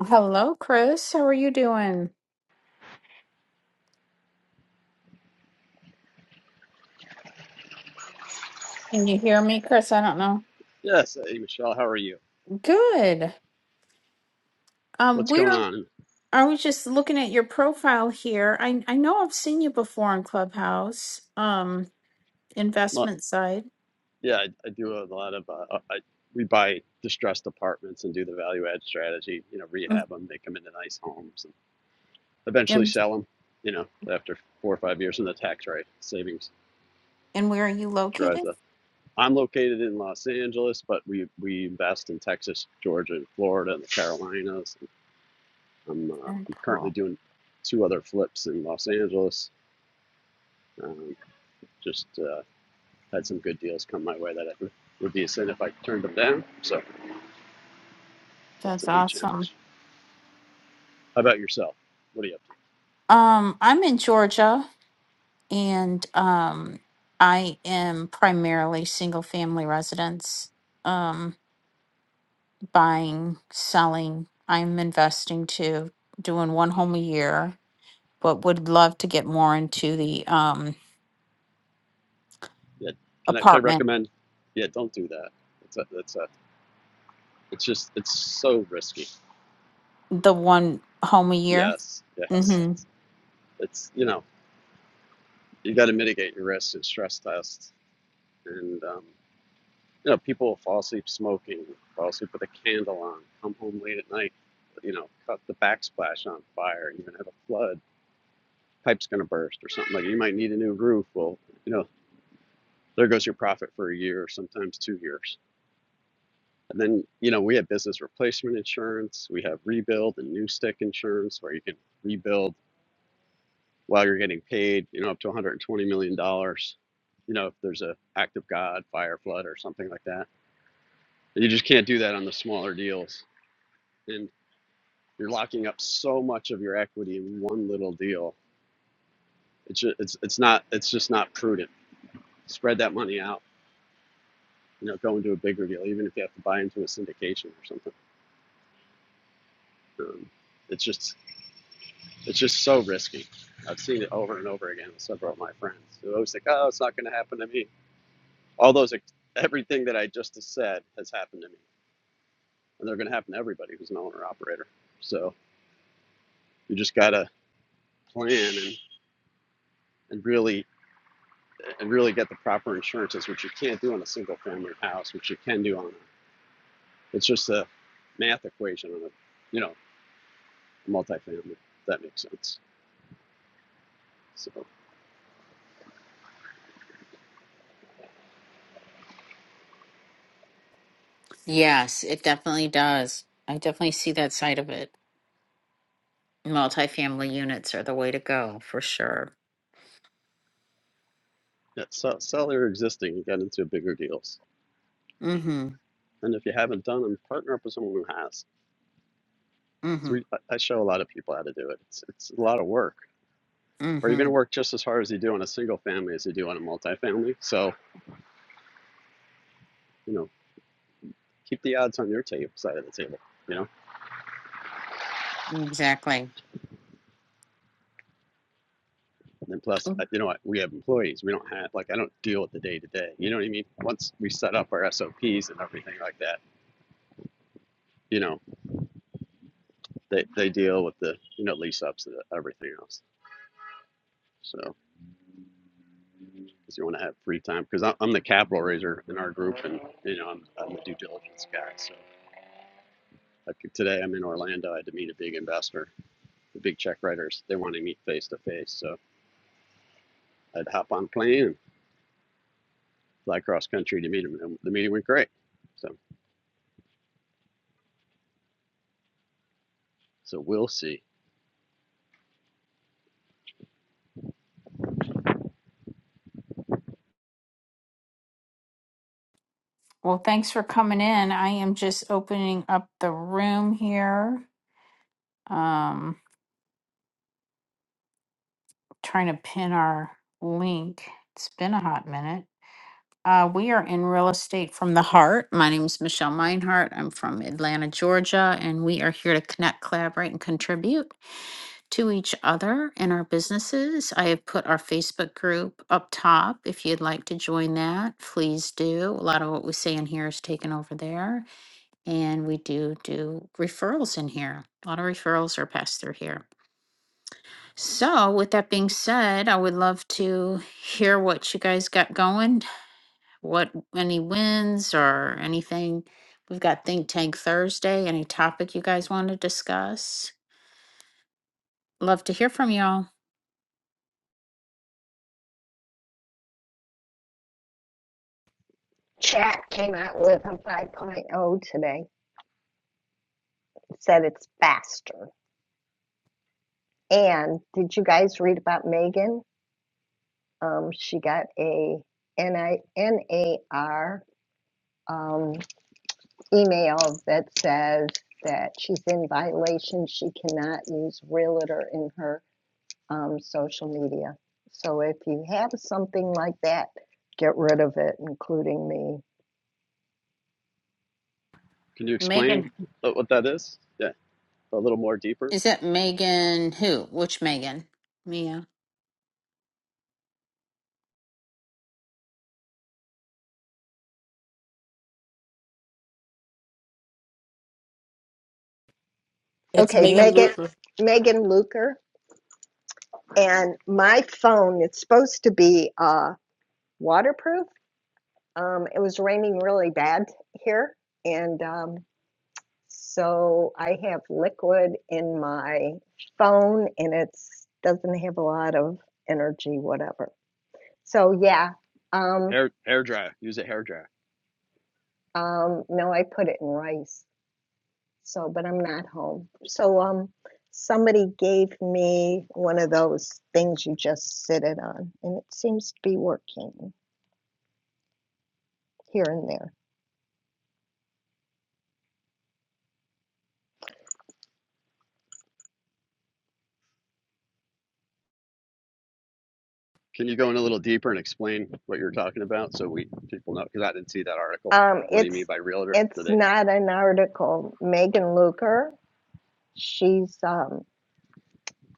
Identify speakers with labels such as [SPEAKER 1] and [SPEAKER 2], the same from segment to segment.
[SPEAKER 1] Hello, Chris. How are you doing? Can you hear me, Chris? I don't know.
[SPEAKER 2] Yes, hey Michelle, how are you?
[SPEAKER 1] Good. Um,
[SPEAKER 2] What's going
[SPEAKER 1] we're
[SPEAKER 2] on?
[SPEAKER 1] I was just looking at your profile here. I I know I've seen you before on Clubhouse, um,
[SPEAKER 2] Well,
[SPEAKER 1] investment side.
[SPEAKER 2] yeah, I, I do a lot of uh, uh, I we buy distressed apartments and do the value add strategy. You know,
[SPEAKER 1] Mm,
[SPEAKER 2] rehab them, make them into nice homes, and eventually
[SPEAKER 1] And
[SPEAKER 2] sell them. You know, after four or five years, and the tax rate savings
[SPEAKER 1] and where are you
[SPEAKER 2] drives
[SPEAKER 1] located?
[SPEAKER 2] up. I'm located in Los Angeles, but we we invest in Texas, Georgia, and Florida, and the Carolinas. I'm uh,
[SPEAKER 1] Very
[SPEAKER 2] I'm currently
[SPEAKER 1] cool.
[SPEAKER 2] doing two other flips in Los Angeles. Um, just uh, had some good deals come my way that I would would be a sin if I turned them down. So that's
[SPEAKER 1] That's
[SPEAKER 2] a new
[SPEAKER 1] awesome.
[SPEAKER 2] challenge. How about yourself? What are you up to?
[SPEAKER 1] Um, I'm in Georgia and um I am primarily single family residence. Um, buying, selling. I'm investing too, doing one home a year, but would love to get more into the um
[SPEAKER 2] Yeah, can I can I
[SPEAKER 1] apartment,
[SPEAKER 2] recommend? Yeah, don't do that. It's a, it's a, it's just it's so risky.
[SPEAKER 1] the one home a year.
[SPEAKER 2] Yes, yes.
[SPEAKER 1] hmm
[SPEAKER 2] It's it's you know you got to mitigate your risks and stress tests, and um, you know people fall asleep smoking, fall asleep with a candle on, come home late at night, you know, cut the backsplash on fire, even have a flood, pipe's gonna burst or something like. that. You might need a new roof. Well, you know there goes your profit for a year, sometimes two years. And then, you know, we have business replacement insurance, we have rebuild and new stick insurance where you can rebuild while you're getting paid, you know, up to $120 million, dollars, you know, if there's a act of God, fire, flood, or something like that. And you just can't do that on the smaller deals. And you're locking up so much of your equity in one little deal. It's just, it's, it's not, it's just not prudent. Spread that money out, you know, go into a bigger deal, even if you have to buy into a syndication or something. Um, it's just It's just so risky. I've seen it over and over again with several of my friends. They're always like, "Oh, it's not going to happen to me." All those, everything that I just said has happened to me, and they're going to happen to everybody who's an owner operator. So you just got to plan and, and really and really get the proper insurances, which you can't do on a single family house, which you can do on a. It's just a math equation on a, you know, multifamily. If that makes sense. So
[SPEAKER 1] Yes, it definitely does. I definitely see that side of it. Multifamily units are the way to go for sure.
[SPEAKER 2] yeah, sell, sell your existing and get into bigger deals.
[SPEAKER 1] Mm-hmm.
[SPEAKER 2] And if you haven't done them, partner up with someone who has. So
[SPEAKER 1] Mm-hmm.
[SPEAKER 2] we, I I show a lot of people how to do it. It's, it's a lot of work, but you're going to
[SPEAKER 1] Mm-hmm.
[SPEAKER 2] work just as hard as you do on a single family as you do on a multifamily. So, you know, keep the odds on your table, side of the table, you know?
[SPEAKER 1] Exactly.
[SPEAKER 2] And then plus, uh, you know what? We have employees. We don't have, like, I don't deal with the day to day. You know what I mean? Once we set up our SOPs and everything like that, you know, they, they deal with the, you know, lease ups and everything else. So, because you want to have free time, because I'm the capital raiser in our group and, you know, I'm, I'm the due diligence guy. So Like today, I'm in Orlando. I had to meet a big investor, the big check writers. They want to meet face to face. So I'd hop on a plane and fly cross country to meet them. And the meeting went great. So, so we'll see.
[SPEAKER 1] Well, thanks for coming in. I am just opening up the room here. Um trying to pin our link. It's been a hot minute. Uh, we are in real estate from the heart. My name is Michelle Meinhardt. I'm from Atlanta, Georgia, and we are here to connect, collaborate, and contribute to each other and our businesses. I have put our Facebook group up top. If you'd like to join that, please do. A lot of what we say in here is taken over there, and we do do referrals in here. A lot of referrals are passed through here. So, with that being said, I would love to hear what you guys got going, what any wins or anything. We've got Think Tank Thursday. Any topic you guys want to discuss? Love to hear from y'all.
[SPEAKER 3] Chat came out with a 5.0 today. It said it's faster. And did you guys read about Megan? Um, she got a N I N A R um, email that says that she's in violation. She cannot use realtor in her um, social media. So if you have something like that, get rid of it, including me.
[SPEAKER 2] Can you explain
[SPEAKER 1] Megan,
[SPEAKER 2] what that is? Yeah, a little more deeper.
[SPEAKER 1] is it Megan? Who? Which Megan? Mia.
[SPEAKER 4] It's
[SPEAKER 3] Okay,
[SPEAKER 4] Megan
[SPEAKER 3] Megan,
[SPEAKER 4] Luker.
[SPEAKER 3] Megan Luker. and my phone it's supposed to be uh waterproof um it was raining really bad here and um so i have liquid in my phone and it's doesn't have a lot of energy whatever so yeah um
[SPEAKER 2] Hair hair dryer. Use a hair dryer.
[SPEAKER 3] um no i put it in rice so but i'm not home so um somebody gave me one of those things you just sit it on and it seems to be working here and there
[SPEAKER 2] Can you go in a little deeper and explain what you're talking about so we people know? Because I didn't see that article.
[SPEAKER 3] Um,
[SPEAKER 2] What do you mean
[SPEAKER 3] it's
[SPEAKER 2] by realtor? Do
[SPEAKER 3] it's
[SPEAKER 2] they?
[SPEAKER 3] not an article. Megan Luker, she's um,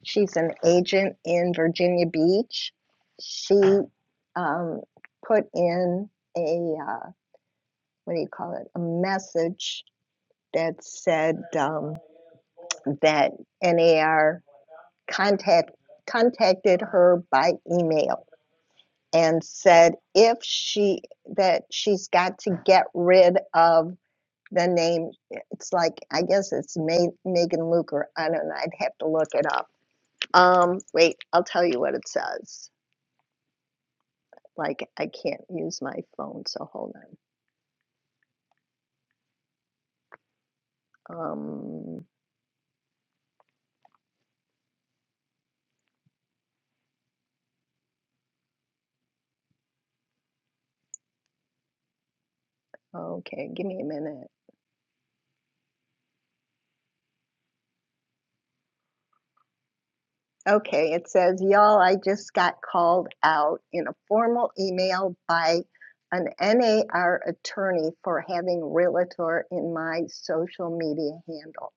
[SPEAKER 3] she's an agent in Virginia Beach. She um, put in a uh, what do you call it? A message that said um, that NAR contact contacted her by email and said if she that she's got to get rid of the name eh, it's like i guess it's Ma- megan luke or i don't know i'd have to look it up um wait i'll tell you what it says like i can't use my phone so hold on um okay give me a minute okay it says y'all i just got called out in a formal email by an nar attorney for having realtor in my social media handle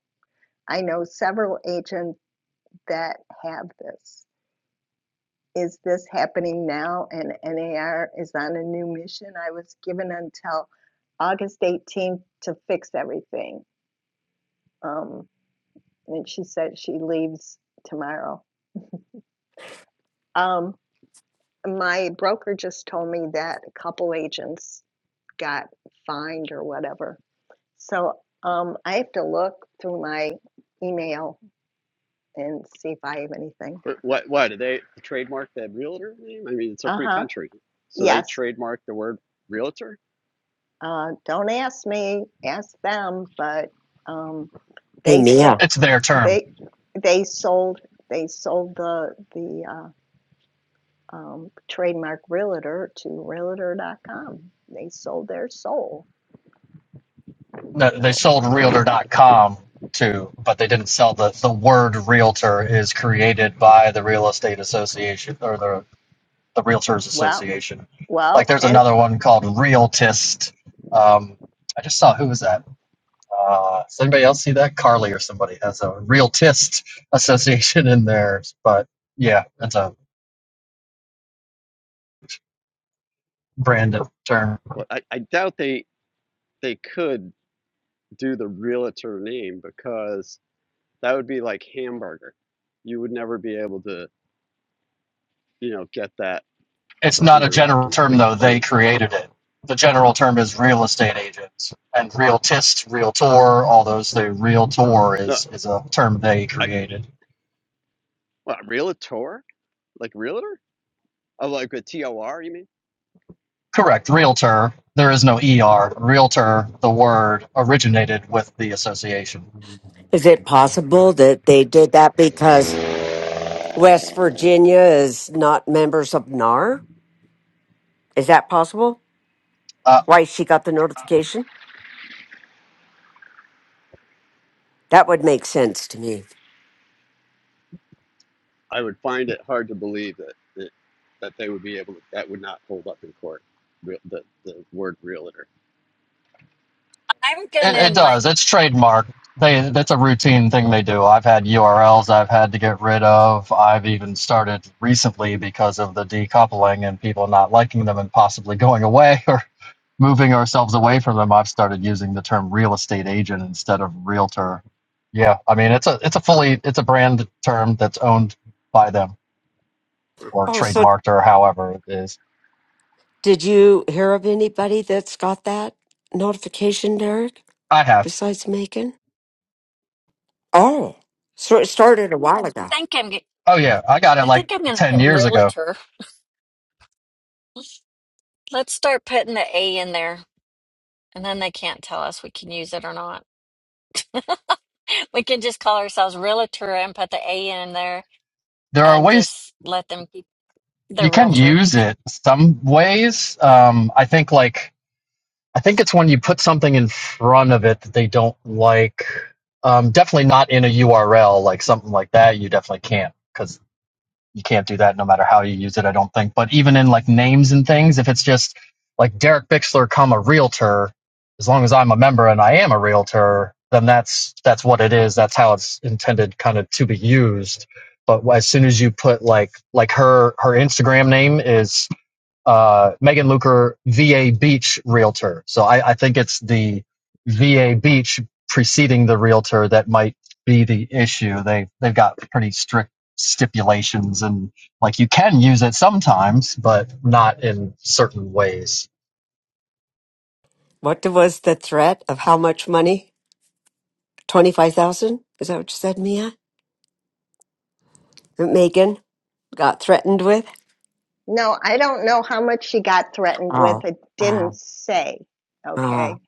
[SPEAKER 3] i know several agents that have this is this happening now? And NAR is on a new mission. I was given until August 18th to fix everything. Um, and she said she leaves tomorrow. Um, my broker just told me that a couple agents got fined or whatever. So um, I have to look through my email and see if I have anything.
[SPEAKER 2] What? Why do they trademark that realtor name? I mean, it's a
[SPEAKER 3] Uh
[SPEAKER 2] free
[SPEAKER 3] huh.
[SPEAKER 2] country, so they
[SPEAKER 3] Yes.
[SPEAKER 2] trademark the word realtor
[SPEAKER 3] Uh, don't ask me, ask them. But um,
[SPEAKER 5] Hey,
[SPEAKER 3] they sold
[SPEAKER 5] Mia,
[SPEAKER 6] it's their term.
[SPEAKER 3] they they sold they sold the the uh, um, trademark realtor to realtor.com. They sold their soul.
[SPEAKER 6] No, They
[SPEAKER 3] So
[SPEAKER 6] sold
[SPEAKER 3] what can you say?
[SPEAKER 6] realtor.com to, but they didn't sell the, the word realtor is created by the real estate association or the, the realtors
[SPEAKER 3] Well,
[SPEAKER 6] association. Like
[SPEAKER 3] well,
[SPEAKER 6] there's
[SPEAKER 3] and
[SPEAKER 6] another one called Realtist. Um, I just saw who was that? Uh, does anybody else see that? Carly or somebody has a Realtist association in theirs, but yeah, that's a branded term.
[SPEAKER 2] But I, I doubt they they could do the realtor name because that would be like hamburger. You would never be able to, you know, get that
[SPEAKER 6] It's not a
[SPEAKER 2] under lock
[SPEAKER 6] general
[SPEAKER 2] and
[SPEAKER 6] term
[SPEAKER 2] cle-
[SPEAKER 6] though. They
[SPEAKER 2] key.
[SPEAKER 6] created it. The general term is real estate agents and realtist, realtor, all those. The realtor
[SPEAKER 2] No,
[SPEAKER 6] is is a term they
[SPEAKER 2] I
[SPEAKER 6] created.
[SPEAKER 2] what, realtor? Like realtor? Oh, like a T O R? you mean?
[SPEAKER 6] Correct. Realtor. There is no er. Realtor. The word originated with the association.
[SPEAKER 5] is it possible that they did that because West Virginia is not members of NAR? Is that possible?
[SPEAKER 6] Uh,
[SPEAKER 5] Why she got the notification? That would make sense to me.
[SPEAKER 2] I would find it hard to believe that that, that they would be able to, that would not hold up in court. Real, the the word realtor.
[SPEAKER 7] I'm
[SPEAKER 6] It,
[SPEAKER 7] gonna
[SPEAKER 6] it
[SPEAKER 7] like
[SPEAKER 6] does. It's trademarked. They that's a routine thing they do. I've had URLs I've had to get rid of. I've even started recently because of the decoupling and people not liking them and possibly going away or moving ourselves away from them. I've started using the term real estate agent instead of realtor. Yeah, I mean it's a it's a fully it's a brand term that's owned by them
[SPEAKER 2] Huh.
[SPEAKER 6] or
[SPEAKER 5] Oh, so
[SPEAKER 6] trademarked or however it is.
[SPEAKER 5] did you hear of anybody that's got that notification, Derek,
[SPEAKER 6] I have.
[SPEAKER 5] besides Macon? Oh, so it started a while ago.
[SPEAKER 7] think I'm g-
[SPEAKER 6] Oh yeah, I got it
[SPEAKER 7] I think
[SPEAKER 6] like
[SPEAKER 7] I'm gonna
[SPEAKER 6] 10
[SPEAKER 7] put
[SPEAKER 6] years ago.
[SPEAKER 7] realtor. Let's start putting the A in there, and then they can't tell us we can use it or not. We can just call ourselves realtor and put the A in there,
[SPEAKER 6] There are
[SPEAKER 7] and
[SPEAKER 6] ways
[SPEAKER 7] just let them keep the
[SPEAKER 6] you can
[SPEAKER 7] realtor.
[SPEAKER 6] use it some ways. Um, I think like I think it's when you put something in front of it that they don't like. Um, definitely not in a URL like something like that. You definitely can't because you can't do that no matter how you use it. I don't think. But even in like names and things, if it's just like Derek Bixler, comma realtor, as long as I'm a member and I am a realtor, then that's that's what it is. That's how it's intended kind of to be used but as soon as you put like like her her Instagram name is uh, Megan Luker VA Beach realtor. So I, I think it's the VA Beach preceding the realtor that might be the issue. They they've got pretty strict stipulations and like you can use it sometimes, but not in certain ways.
[SPEAKER 5] What was the threat of how much money? 25,000? Is that what you said, Mia? That Megan got threatened with?
[SPEAKER 3] no, I don't know how much she got threatened with.
[SPEAKER 5] Oh,
[SPEAKER 3] It didn't
[SPEAKER 5] wow.
[SPEAKER 3] say. Okay.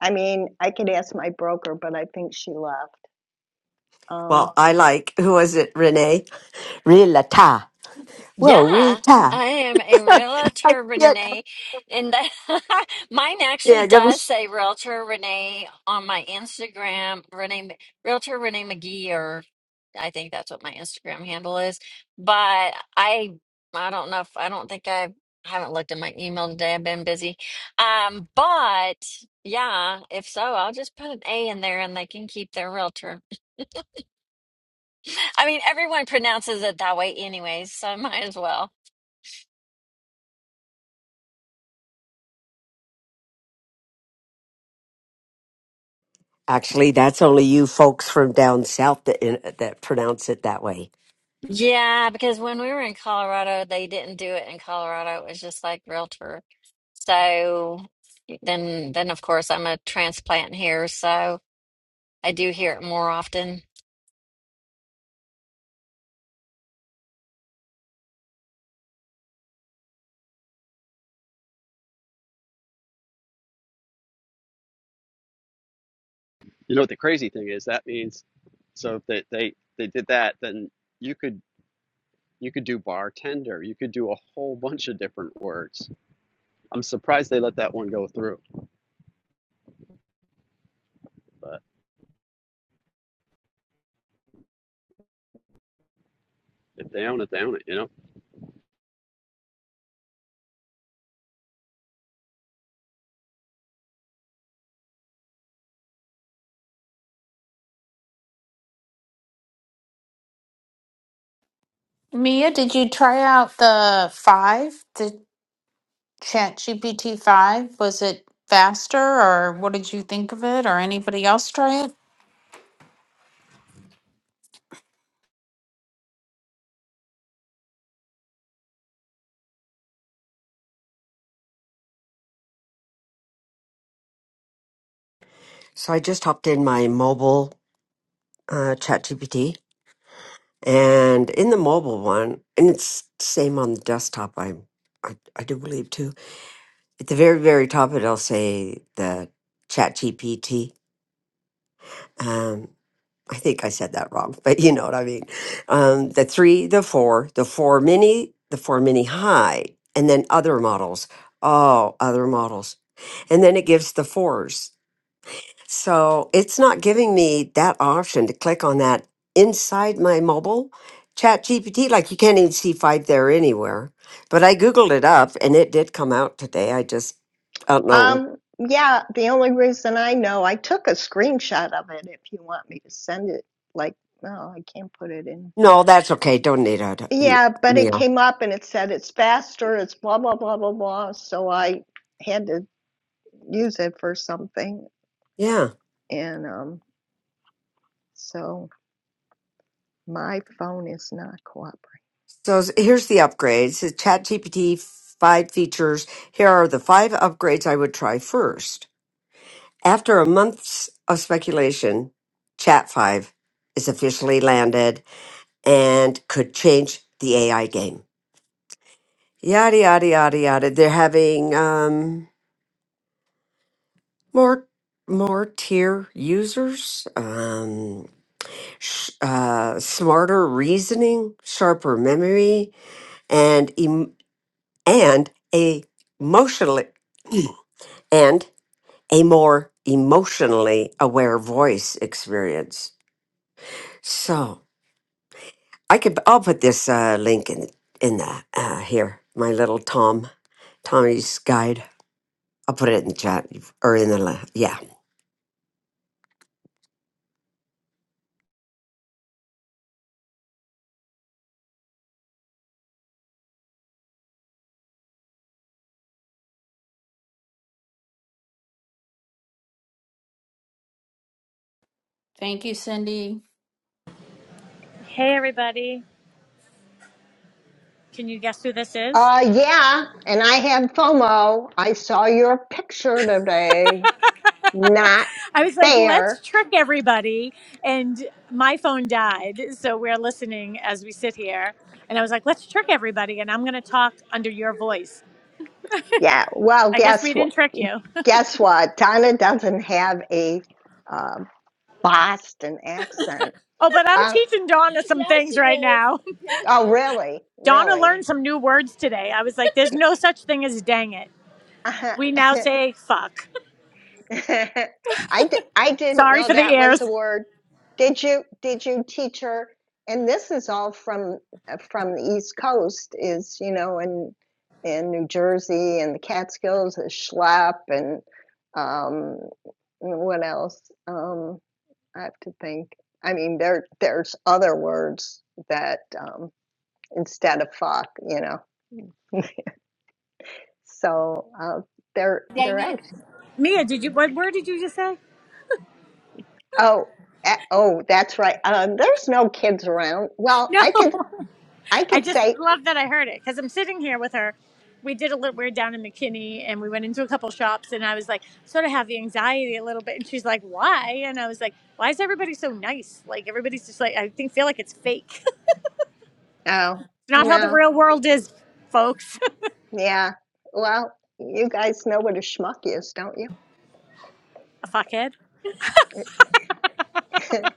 [SPEAKER 3] I mean, I could ask my broker, but I think she left. Um,
[SPEAKER 5] Well, I like, who was it, Renee? Rilata. Whoa,
[SPEAKER 7] Yeah,
[SPEAKER 5] Rilata.
[SPEAKER 7] I am a
[SPEAKER 5] I
[SPEAKER 7] realtor,
[SPEAKER 5] can't,
[SPEAKER 7] Renee, and that, mine
[SPEAKER 5] yeah,
[SPEAKER 7] actually
[SPEAKER 5] I never.
[SPEAKER 7] does
[SPEAKER 5] s-
[SPEAKER 7] say Realtor Renee on my Instagram. Renee, M- Realtor Renee McGee, or I think that's what my Instagram handle is. But I, I don't know if I don't think I I haven't looked at my email today. I've been busy. Um, but yeah, if so, I'll just put an A in there, and they can keep their Realtor. I mean, everyone pronounces it that way, anyways, so might as well.
[SPEAKER 5] Actually, that's only you folks from down south that, in, that pronounce it that way.
[SPEAKER 7] Yeah, because when we were in Colorado, they didn't do it in Colorado. It was just like realtor. So then, then of course, I'm a transplant here, so I do hear it more often.
[SPEAKER 2] You know what the crazy thing is? That means so if they they, they did that, then you could You could do bartender. You could do a whole bunch of different words. I'm surprised they let that one go through, but if they own it, they own it, you know?
[SPEAKER 1] Mia, did you try out the five, the Chat GPT five? Was it faster, or what did you think of it? Or anybody else try it?
[SPEAKER 5] So I just hopped in my mobile uh, ChatGPT, and in the mobile one, and it's same on the desktop. I'm, I, I do believe too. At the very, very top, it'll say the ChatGPT. Um, I think I said that wrong, but you know what I mean. Um, the three, the four, the four mini, the four mini high, and then other models. Oh, other models. And then it gives the fours. So it's not giving me that option to click on that inside my mobile chat GPT. Like you can't even see five there anywhere. But I Googled it up and it did come out today. I just I don't know.
[SPEAKER 3] Um, yeah, the only reason I know, I took a screenshot of it if you want me to send it. Like, no, I can't put it in.
[SPEAKER 5] No, that's okay. Don't need a
[SPEAKER 3] Yeah, but it
[SPEAKER 5] meal.
[SPEAKER 3] came up and it said it's faster, it's blah, blah, blah, blah, blah. So I had to use it for something.
[SPEAKER 5] Yeah.
[SPEAKER 3] And um, so my phone is not cooperating.
[SPEAKER 5] So s- here's the upgrades. It's ChatGPT five features. Here are the five upgrades I would try first. After a month's of speculation, Chat five is officially landed and could change the AI game. Yada yada yada yada. They're having um, more more tier users, um, sh- uh, smarter reasoning, sharper memory, and em. and a emotionally and a more emotionally aware voice experience. So I could I'll put this uh, link in in the uh, here my little Tom Tommy's guide. I'll put it in the chat or in the la- yeah
[SPEAKER 1] Thank you, Cindy.
[SPEAKER 8] Hey, everybody. Can you guess who this is?
[SPEAKER 3] Uh, yeah, and I have FOMO. I saw your picture today. Not
[SPEAKER 8] I was like, let's
[SPEAKER 3] fair.
[SPEAKER 8] trick everybody. And my phone died. So we're listening as we sit here. And I was like, let's trick everybody. And I'm going to talk under your voice.
[SPEAKER 3] Yeah, well,
[SPEAKER 8] I guess we
[SPEAKER 3] guess what?
[SPEAKER 8] didn't trick you.
[SPEAKER 3] guess what? Donna doesn't have a uh, Boston accent.
[SPEAKER 8] Oh, but I'm
[SPEAKER 3] Uh,
[SPEAKER 8] teaching Donna some Yes, things you right did. now.
[SPEAKER 3] oh, really?
[SPEAKER 8] Donna
[SPEAKER 3] Really?
[SPEAKER 8] learned some new words today. I was like, there's no such thing as dang it.
[SPEAKER 3] I,
[SPEAKER 8] We now say fuck.
[SPEAKER 3] di- I didn't
[SPEAKER 8] Sorry
[SPEAKER 3] know
[SPEAKER 8] for the
[SPEAKER 3] that
[SPEAKER 8] ears.
[SPEAKER 3] was a word. Did you? Did you teach her? And this is all from uh, from the East Coast. Is you know in in New Jersey and the Catskills is schlep and um, what else? Um. I have to think. I mean, there there's other words that um, instead of fuck, you know. So uh, they're they're
[SPEAKER 8] Dang it.
[SPEAKER 3] act.
[SPEAKER 8] Mia, did you, what word did you just say?
[SPEAKER 3] Oh, a- oh, that's right. Um, there's no kids around. Well,
[SPEAKER 8] No.
[SPEAKER 3] I could I
[SPEAKER 8] I
[SPEAKER 3] could
[SPEAKER 8] just
[SPEAKER 3] say
[SPEAKER 8] love that I heard it because I'm sitting here with her. We did a little. We were down in McKinney, and we went into a couple shops, and I was like, sort of have the anxiety a little bit. And she's like, "Why?" And I was like, "Why is everybody so nice? Like everybody's just like I think feel like it's fake.
[SPEAKER 3] oh
[SPEAKER 8] it's not how the
[SPEAKER 3] no
[SPEAKER 8] real world is, folks.
[SPEAKER 3] yeah. Well, you guys know what a schmuck is, don't you?
[SPEAKER 8] a fuckhead."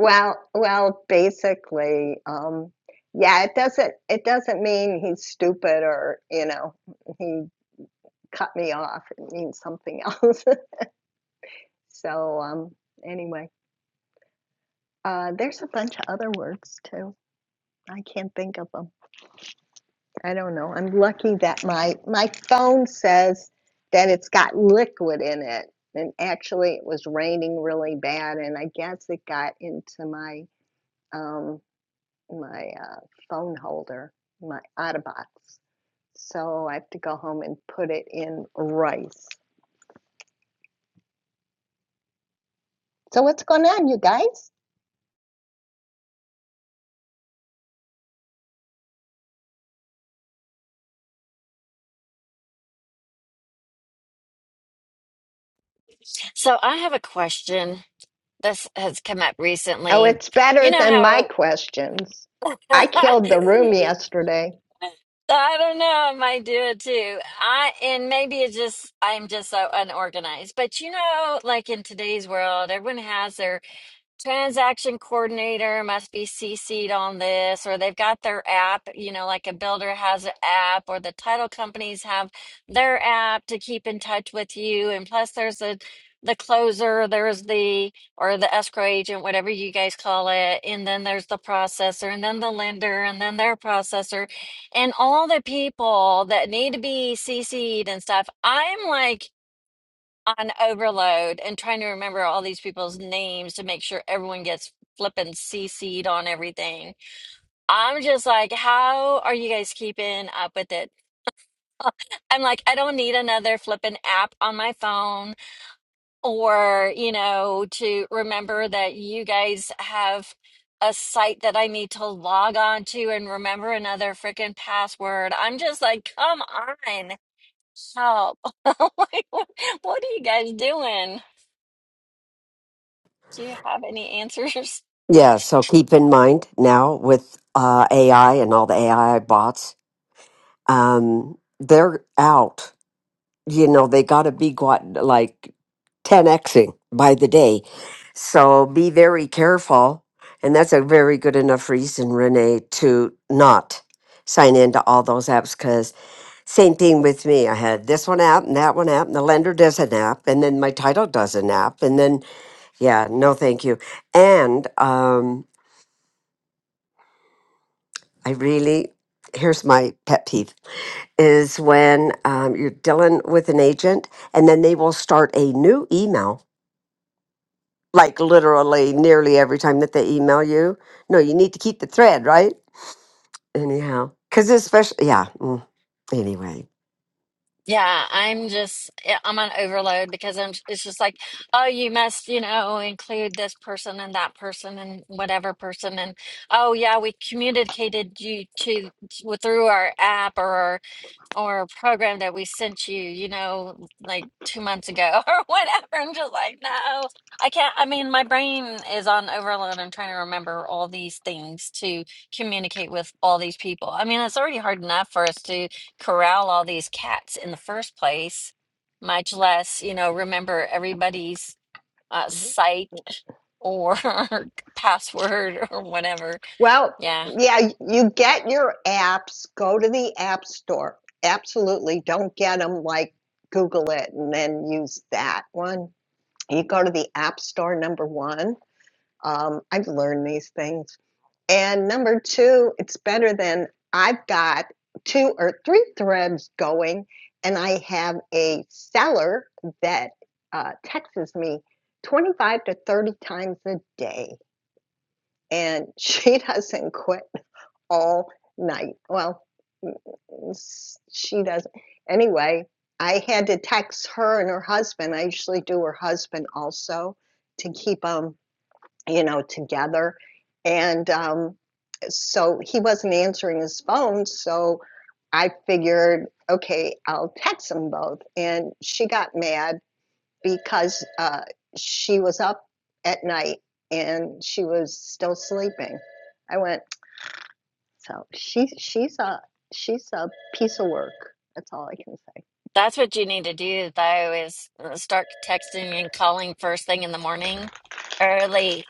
[SPEAKER 3] Well, well, basically, um, yeah. It doesn't it doesn't mean he's stupid or you know he cut me off. It means something else. so um, anyway, uh, there's a bunch of other words too. I can't think of them. I don't know. I'm lucky that my my phone says that it's got liquid in it. And actually, it was raining really bad, and I guess it got into my um, my uh, phone holder, my Otterbox. So I have to go home and put it in rice. So what's going on, you guys?
[SPEAKER 7] So I have a question. This has come up
[SPEAKER 3] Oh,
[SPEAKER 7] recently.
[SPEAKER 3] it's
[SPEAKER 7] You
[SPEAKER 3] better
[SPEAKER 7] know
[SPEAKER 3] than my
[SPEAKER 7] how
[SPEAKER 3] questions. I killed the room yesterday.
[SPEAKER 7] I don't know, I might do it too. I and maybe it's just I'm just so unorganized. But you know, like in today's world, everyone has their transaction coordinator must be CC'd on this, or they've got their app, you know, like a builder has an app, or the title companies have their app to keep in touch with you. And plus, there's the the closer, there's the or the escrow agent, whatever you guys call it, and then there's the processor, and then the lender, and then their processor, and all the people that need to be CC'd and stuff. I'm like on overload and trying to remember all these people's names to make sure everyone gets flippin' CC'd on everything. I'm just like, how are you guys keeping up with it? I'm like, I don't need another flippin' app on my phone or, you know, to remember that you guys have a site that I need to log on to and remember another freaking password. I'm just like, come on, help. Like, what what are you guys doing? Do you have any answers?
[SPEAKER 5] yeah. So keep in mind now with uh, AI and all the AI bots, um, they're out you know, they got to be got, like 10xing by the day. So be very careful. And that's a very good enough reason, Renee, to not sign into all those apps because same thing with me. I had this one app and that one app, and the lender does an app, and then my title does an app. And then, yeah, no, thank you. And um, I really, here's my pet peeve is when um, you're dealing with an agent and then they will start a new email like literally nearly every time that they email you. No, you need to keep the thread, right? Anyhow, because especially, yeah. mm, Anyway,
[SPEAKER 7] Yeah, I'm just yeah, I'm on overload because I'm it's just like, oh, you must, you know, include this person and that person and whatever person and oh yeah, we communicated you to through our app or our or a program that we sent you, you know, like two months ago or whatever. I'm just like, no, I can't. I mean, my brain is on overload. I'm trying to remember all these things to communicate with all these people. I mean, it's already hard enough for us to corral all these cats in the first place, much less, you know, remember everybody's uh, site or password or whatever.
[SPEAKER 3] Well,
[SPEAKER 7] Yeah.
[SPEAKER 3] yeah, you get your apps, go to the App Store. Absolutely. Don't get them like Google it and then use that one. You go to the App Store, number one. Um, I've learned these things And number two, it's better than I've got two or three threads going, and I have a seller that uh, texts me 25 to 30 times a day, and she doesn't quit all night. Well, n- n- s- she doesn't. Anyway, I had to text her and her husband. I usually do her husband also to keep them you know, together. And um, so he wasn't answering his phone. So I figured, okay, I'll text them both. And she got mad because uh, she was up at night and she was still sleeping. I went, so she she's a she's a piece of work. That's all I can say.
[SPEAKER 7] That's what you need to do, though, is uh, start texting and calling first thing in the morning early.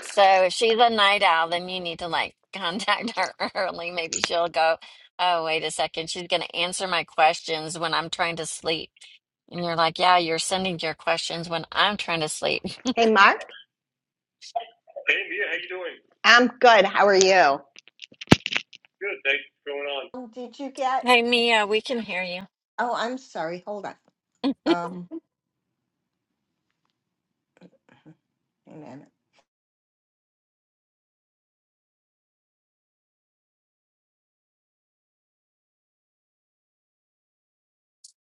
[SPEAKER 7] So if she's a night owl, then you need to like contact her early. Maybe she'll go, Oh, wait a second. She's going to answer my questions when I'm trying to sleep. And you're like, Yeah, you're sending your questions when I'm trying to sleep.
[SPEAKER 3] Hey, Mark. Hey, Mia, how you doing? I'm good. How are you? Good, thanks. What's going on? Um, Did you get?
[SPEAKER 7] Hey, Mia, we can hear you.
[SPEAKER 3] Oh, I'm sorry. Hold on. Amen.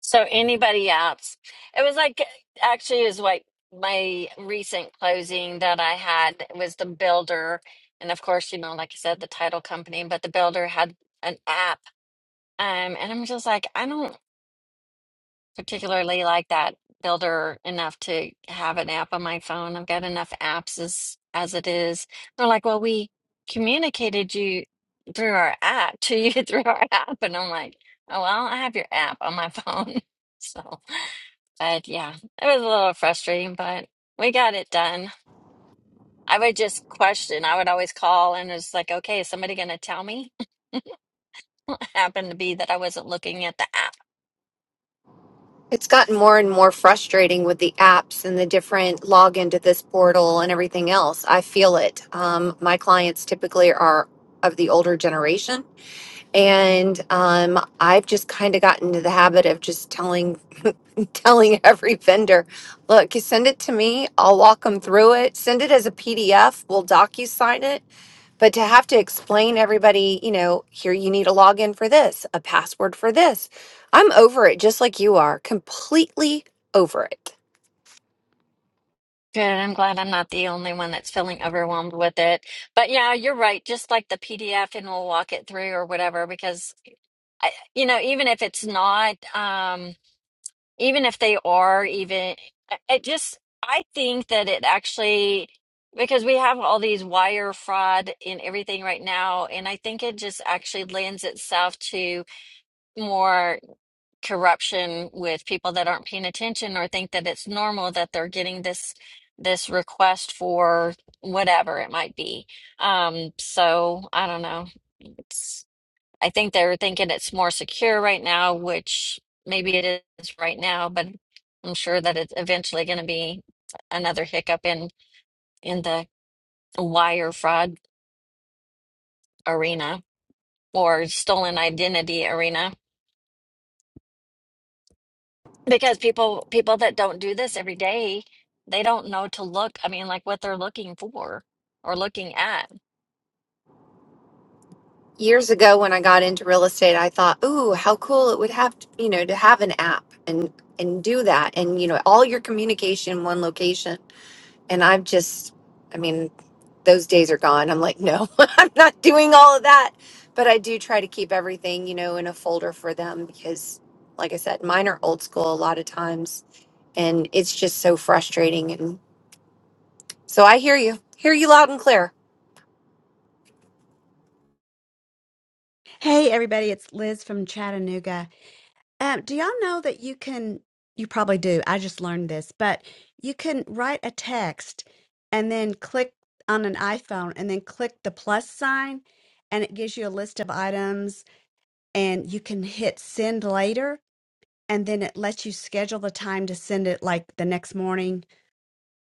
[SPEAKER 7] So anybody else? It was like actually it was like my recent closing that I had was the builder, and of course you know like I said the title company, but the builder had an app, um, and I'm just like I don't particularly like that builder enough to have an app on my phone. I've got enough apps as as it is. They're like, well, we communicated you through our app to you through our app, and I'm like, oh well, I have your app on my phone, so. But yeah, it was a little frustrating, but we got it done. I would just question. I would always call and it's like, okay, is somebody going to tell me? Happened to be that I wasn't looking at the app.
[SPEAKER 9] It's gotten more and more frustrating with the apps and the different login to this portal and everything else. I feel it. Um, my clients typically are of the older generation. And um, I've just kind of gotten into the habit of just telling telling every vendor, look, you send it to me, I'll walk them through it. Send it as a PDF, we'll docu sign it. But to have to explain everybody, you know, here you need a login for this, a password for this. I'm over it just like you are, completely over it.
[SPEAKER 7] Good. I'm glad I'm not the only one that's feeling overwhelmed with it. But yeah, you're right. Just like the PDF and we'll walk it through or whatever, because I, you know, even if it's not, um, even if they are even I I just i think that it actually because we have all these wire fraud and everything right now and i think it just actually lends itself to more corruption with people that aren't paying attention or think that it's normal that they're getting this this request for whatever it might be um so i don't know I think they're thinking it's more secure right now, which maybe it is right now, but I'm sure that it's eventually going to be another hiccup in in the wire fraud arena or stolen identity arena because people people that don't do this every day, they don't know to look, I mean, like what they're looking for or looking at.
[SPEAKER 9] Years ago when I got into real estate, I thought, "Ooh, how cool it would have, to, you know, to have an app and and do that and you know, all your communication in one location." And I've just I mean, those days are gone. I'm like, no, I'm not doing all of that. But I do try to keep everything, you know, in a folder for them because, like I said, mine are old school a lot of times. And it's just so frustrating. And so I hear you, hear you loud and clear.
[SPEAKER 10] Hey, everybody, it's Liz from Chattanooga. Um, do y'all know that you can, you probably do, I just learned this, but you can write a text and then click on an iPhone and then click the plus sign, and it gives you a list of items, and you can hit send later, and then it lets you schedule the time to send it like the next morning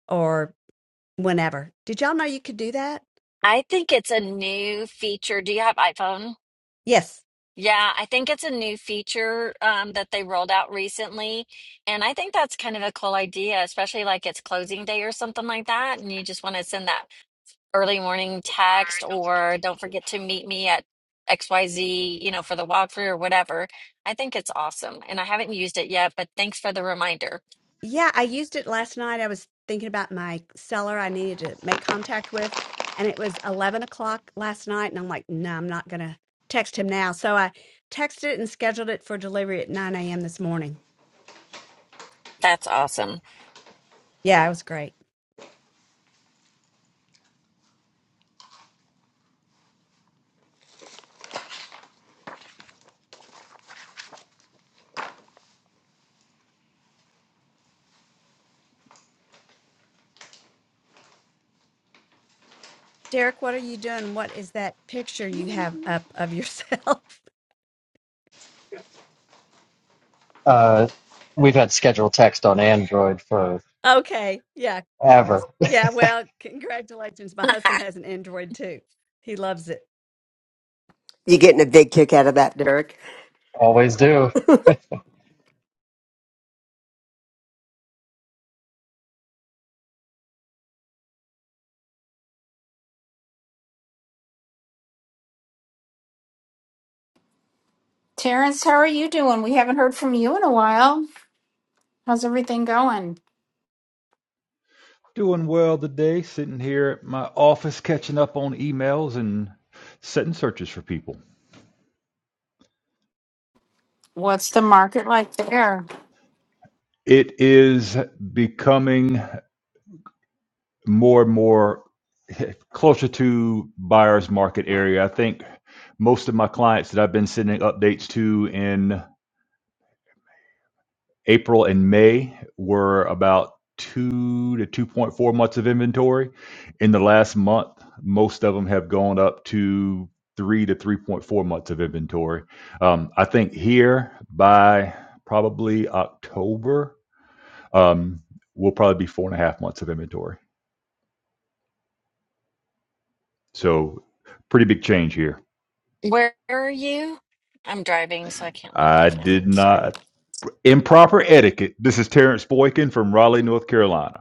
[SPEAKER 10] or whenever. Did y'all know you could do that?
[SPEAKER 7] I think it's a new feature. Do you have iPhone?
[SPEAKER 10] Yes.
[SPEAKER 7] Yeah, I think it's a new feature um, that they rolled out recently. And I think that's kind of a cool idea, especially like it's closing day or something like that. And you just want to send that early morning text or don't forget to meet me at XYZ, you know, for the walkthrough or whatever. I think it's awesome. And I haven't used it yet, but thanks for the reminder.
[SPEAKER 10] Yeah, I used it last night. I was thinking about my seller I needed to make contact with, and it was 11 o'clock last night. And I'm like, no, I'm not going to text him now. So I texted it and scheduled it for delivery at 9 a.m. this morning.
[SPEAKER 7] That's awesome.
[SPEAKER 10] Yeah, it was great. Derek, what are you doing? What is that picture you have up of yourself?
[SPEAKER 6] Uh, we've had scheduled text on Android for
[SPEAKER 10] okay. Yeah.
[SPEAKER 6] ever.
[SPEAKER 10] Yeah. Well, congratulations. My husband has an Android too. He loves it.
[SPEAKER 5] you getting a big kick out of that, Derek?
[SPEAKER 6] Always do
[SPEAKER 1] Terrence, how are you doing? We haven't heard from you in a while. How's everything going?
[SPEAKER 11] Doing well today, sitting here at my office catching up on emails and setting searches for people.
[SPEAKER 1] What's the market like there?
[SPEAKER 11] It is becoming more and more closer to buyer's market area. I think most of my clients that I've been sending updates to in. April and May were about two to 2.4 months of inventory. In the last month, most of them have gone up to three to 3.4 months of inventory. Um, I think here by probably October, um, we'll probably be four and a half months of inventory. So, pretty big change here.
[SPEAKER 7] Where are you? I'm driving, so I can't look
[SPEAKER 11] I
[SPEAKER 7] right now.
[SPEAKER 11] did
[SPEAKER 7] I'm sorry.
[SPEAKER 11] not. Improper etiquette. This is Terrence Boykin from Raleigh, North Carolina.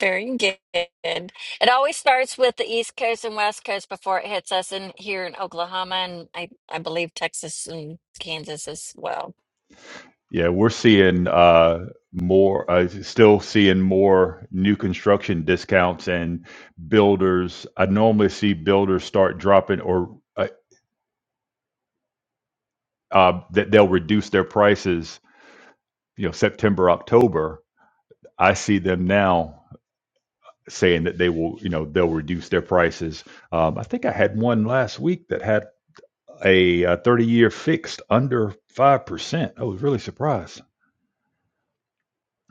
[SPEAKER 7] Very good. It always starts with the East Coast and West Coast before it hits us in here in Oklahoma and I, I believe Texas and Kansas as well.
[SPEAKER 11] Yeah, we're seeing uh, more, uh, still seeing more new construction discounts and builders. I normally see builders start dropping or uh, uh, that they'll reduce their prices, you know, September, October. I see them now saying that they will, you know, they'll reduce their prices. Um, I think I had one last week that had a uh 30 year fixed under 5%. I was really surprised.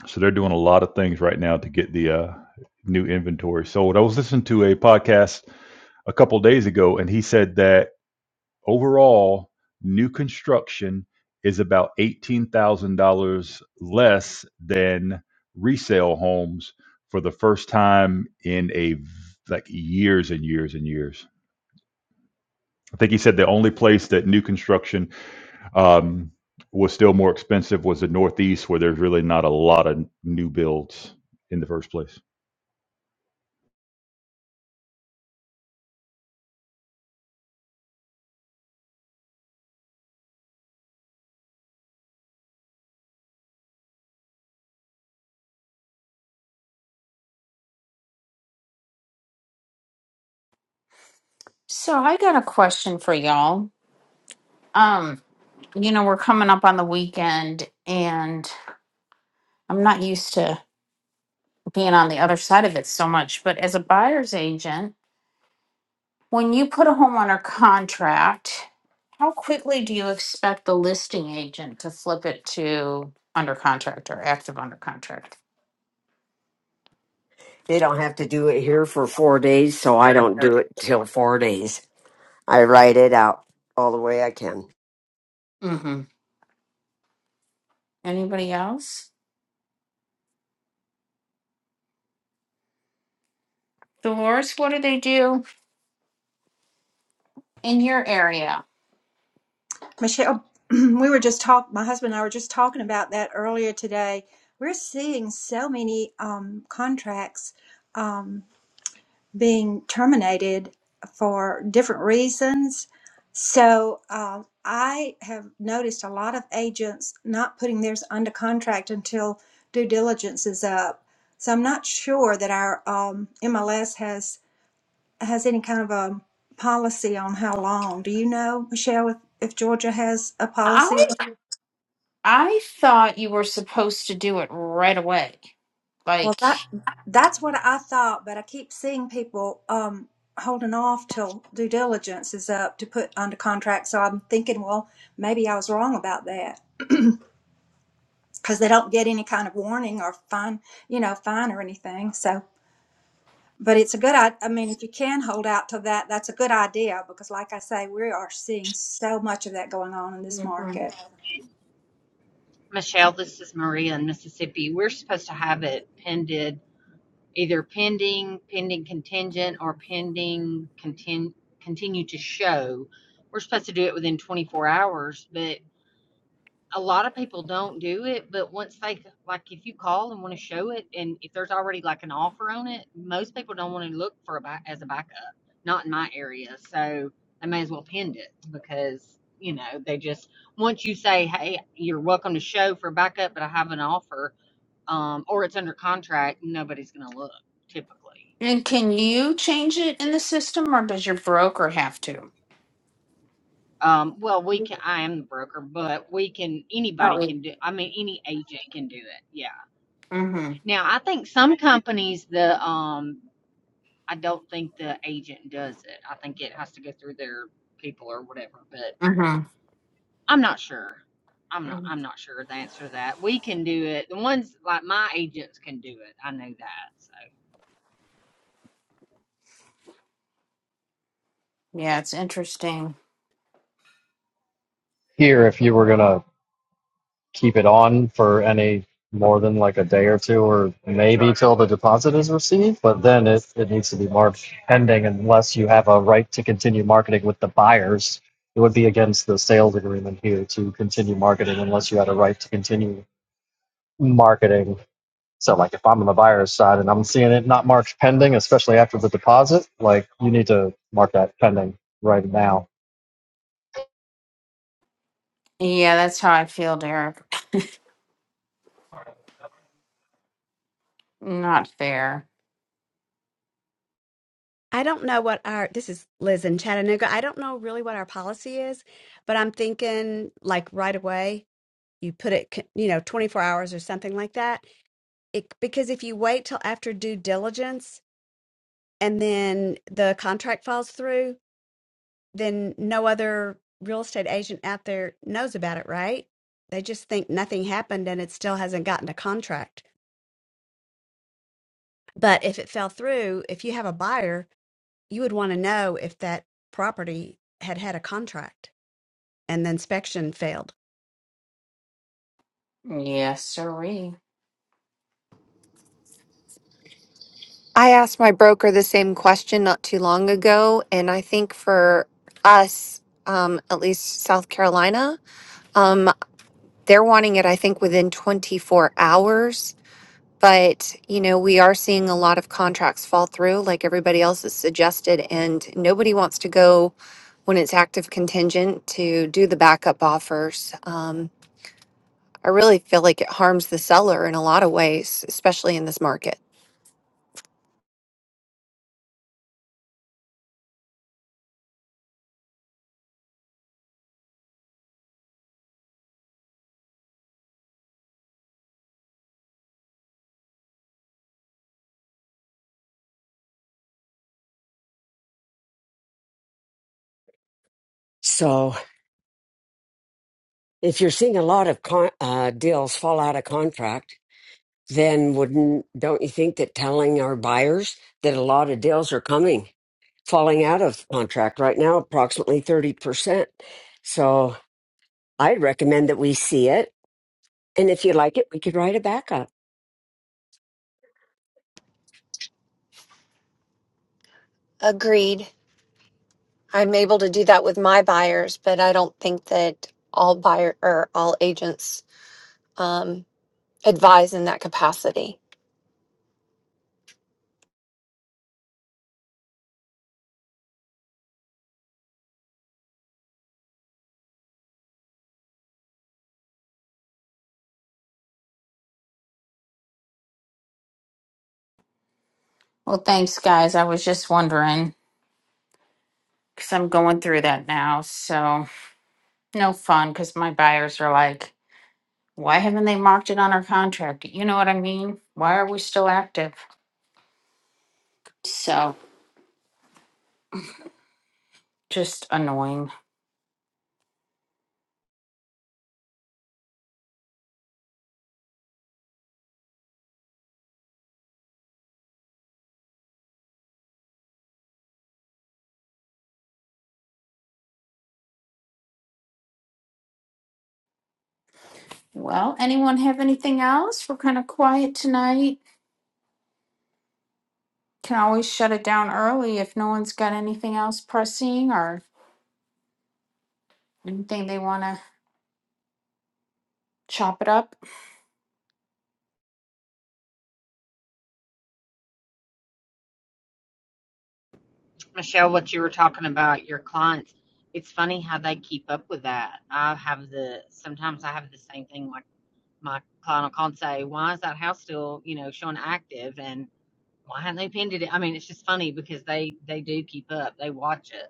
[SPEAKER 11] So they're doing a lot of things right now to get the uh, new inventory sold. I was listening to a podcast a couple days ago, and he said that overall, new construction is about $18,000 less than resale homes for the first time in a v- like years and years and years. I think he said the only place that new construction um, was still more expensive was the Northeast, where there's really not a lot of new builds in the first place.
[SPEAKER 1] So I got a question for y'all. Um, you know, we're coming up on the weekend and I'm not used to being on the other side of it so much, but as a buyer's agent, when you put a home under contract, how quickly do you expect the listing agent to flip it to under contract or active under contract?
[SPEAKER 5] They don't have to do it here for four days, so I don't do it till four days. I write it out all the way I can.
[SPEAKER 1] Mm-hmm. Anybody else? Dolores, what do they do in your area?
[SPEAKER 12] Michelle, we were just talk. My husband and I were just talking about that earlier today. We're seeing so many um, contracts um, being terminated for different reasons. So uh, I have noticed a lot of agents not putting theirs under contract until due diligence is up. So I'm not sure that our um, MLS has has any kind of a policy on how long. Do you know, Michelle, if, if Georgia has a policy
[SPEAKER 1] I I thought you were supposed to do it right away.
[SPEAKER 12] Well,
[SPEAKER 1] Like,
[SPEAKER 12] that that's what I thought, but I keep seeing people um, holding off till due diligence is up to put under contract. So I'm thinking, well, maybe I was wrong about that because they don't get any kind of warning or fine, you know, fine or anything. So, but it's a good. I, I mean, if you can hold out till that, that's a good idea because, like I say, we are seeing so much of that going on in this
[SPEAKER 1] Mhm.
[SPEAKER 12] market.
[SPEAKER 13] Michelle, this is Maria in Mississippi. We're supposed to have it pended, either pending, pending contingent, or pending contin- continue to show. We're supposed to do it within 24 hours, but a lot of people don't do it, but once they like if you call and want to show it and if there's already like an offer on it, most people don't want to look for a back as a backup. Not in my area. So they may as well pend it because, you know, they just once you say, Hey, you're welcome to show for backup, but I have an offer, um, or it's under contract, nobody's gonna look typically.
[SPEAKER 1] and can you change it in the system, or does your broker have to?
[SPEAKER 13] Um, well, we can, I am the broker, but we can, anybody
[SPEAKER 1] Oh.
[SPEAKER 13] can do, I mean, any agent can do it. Yeah.
[SPEAKER 1] Mm-hmm.
[SPEAKER 13] Now, I think some companies, the um, I don't think the agent does it. I think it has to go through their people or whatever. But
[SPEAKER 1] Mm-hmm.
[SPEAKER 13] I'm not sure. I'm not.
[SPEAKER 1] hmm
[SPEAKER 13] I'm not sure the answer to that. We can do it. The ones like my agents can do it. I know that. So,
[SPEAKER 1] Yeah, it's interesting.
[SPEAKER 6] here if you were gonna keep it on for any more than like a day or two or maybe till the deposit is received but then it, it needs to be marked pending unless you have a right to continue marketing with the buyers it would be against the sales agreement here to continue marketing unless you had a right to continue marketing so like if i'm on the buyer's side and i'm seeing it not marked pending especially after the deposit like you need to mark that pending right now
[SPEAKER 1] Yeah, that's how I feel, Derek. Not fair.
[SPEAKER 10] I don't know what our this is Liz in Chattanooga. I don't know really what our policy is, but I'm thinking like right away you put it c- you know 24 hours or something like that. It, because if you wait till after due diligence and then the contract falls through, then no other real estate agent out there knows about it, right? They just think nothing happened and it still hasn't gotten a contract. But if it fell through, if you have a buyer, you would want to know if that property had had a contract and the inspection failed.
[SPEAKER 1] Yes, sirree.
[SPEAKER 9] I asked my broker the same question not too long ago. And I think for us, um, at least South Carolina, um, they're wanting it, I think, within 24 hours But, you know, we are seeing a lot of contracts fall through, like everybody else has suggested, and nobody wants to go when it's active contingent to do the backup offers. Um, I really feel like it harms the seller in a lot of ways, especially in this market.
[SPEAKER 5] So if you're seeing a lot of con- uh, deals fall out of contract, then wouldn't don't you think that telling our buyers that a lot of deals are coming falling out of contract right now approximately 30% so i'd recommend that we see it and if you like it we could write a backup.
[SPEAKER 9] Agreed. I'm able to do that with my buyers, but I don't think that all buyer or all agents um, advise in that capacity.
[SPEAKER 1] Well, thanks, guys. I was just wondering because I'm going through that now. So no fun because my buyers are like. Why haven't they marked it on our contract? You know what I mean? Why are we still active? So just annoying. Well, anyone have anything else? We're kind of quiet tonight. Can always shut it down early if no one's got anything else pressing or anything they want to chop it up.
[SPEAKER 13] Michelle, what you were talking about your clients. It's funny how they keep up with that. I have the sometimes I have the same thing. Like my client will call and say, "Why is that house still, you know, showing active?" And Why haven't they pinned it? I mean, it's just funny because they they do keep up. They watch it.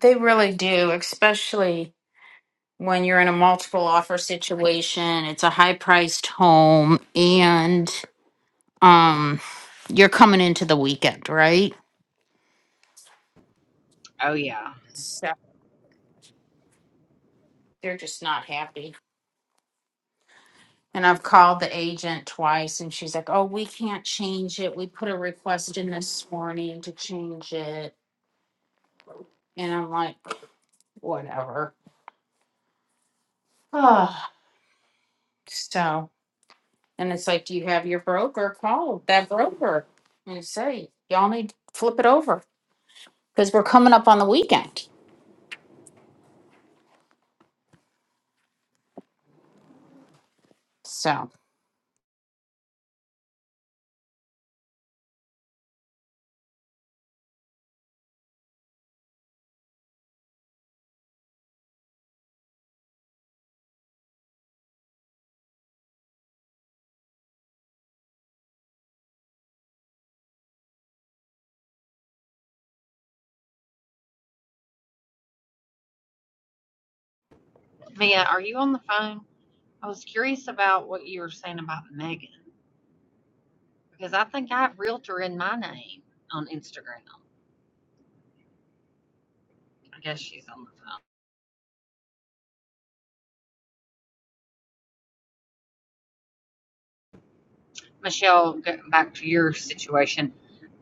[SPEAKER 1] They really do, especially when you're in a multiple offer situation. It's a high priced home and um you're coming into the weekend, right?
[SPEAKER 13] Oh yeah,
[SPEAKER 1] So they're just not happy. And I've called the agent twice and she's like, oh, we can't change it. We put a request in this morning to change it. And I'm like, whatever. Oh, so, and it's like, do you have your broker? Call that broker and say, y'all need to flip it over because we're coming up on the weekend. So,
[SPEAKER 13] Mia, are you on the phone? I was curious about what you were saying about Megan because I think I have realtor in my name on Instagram. I guess she's on the phone. Michelle, getting back to your situation,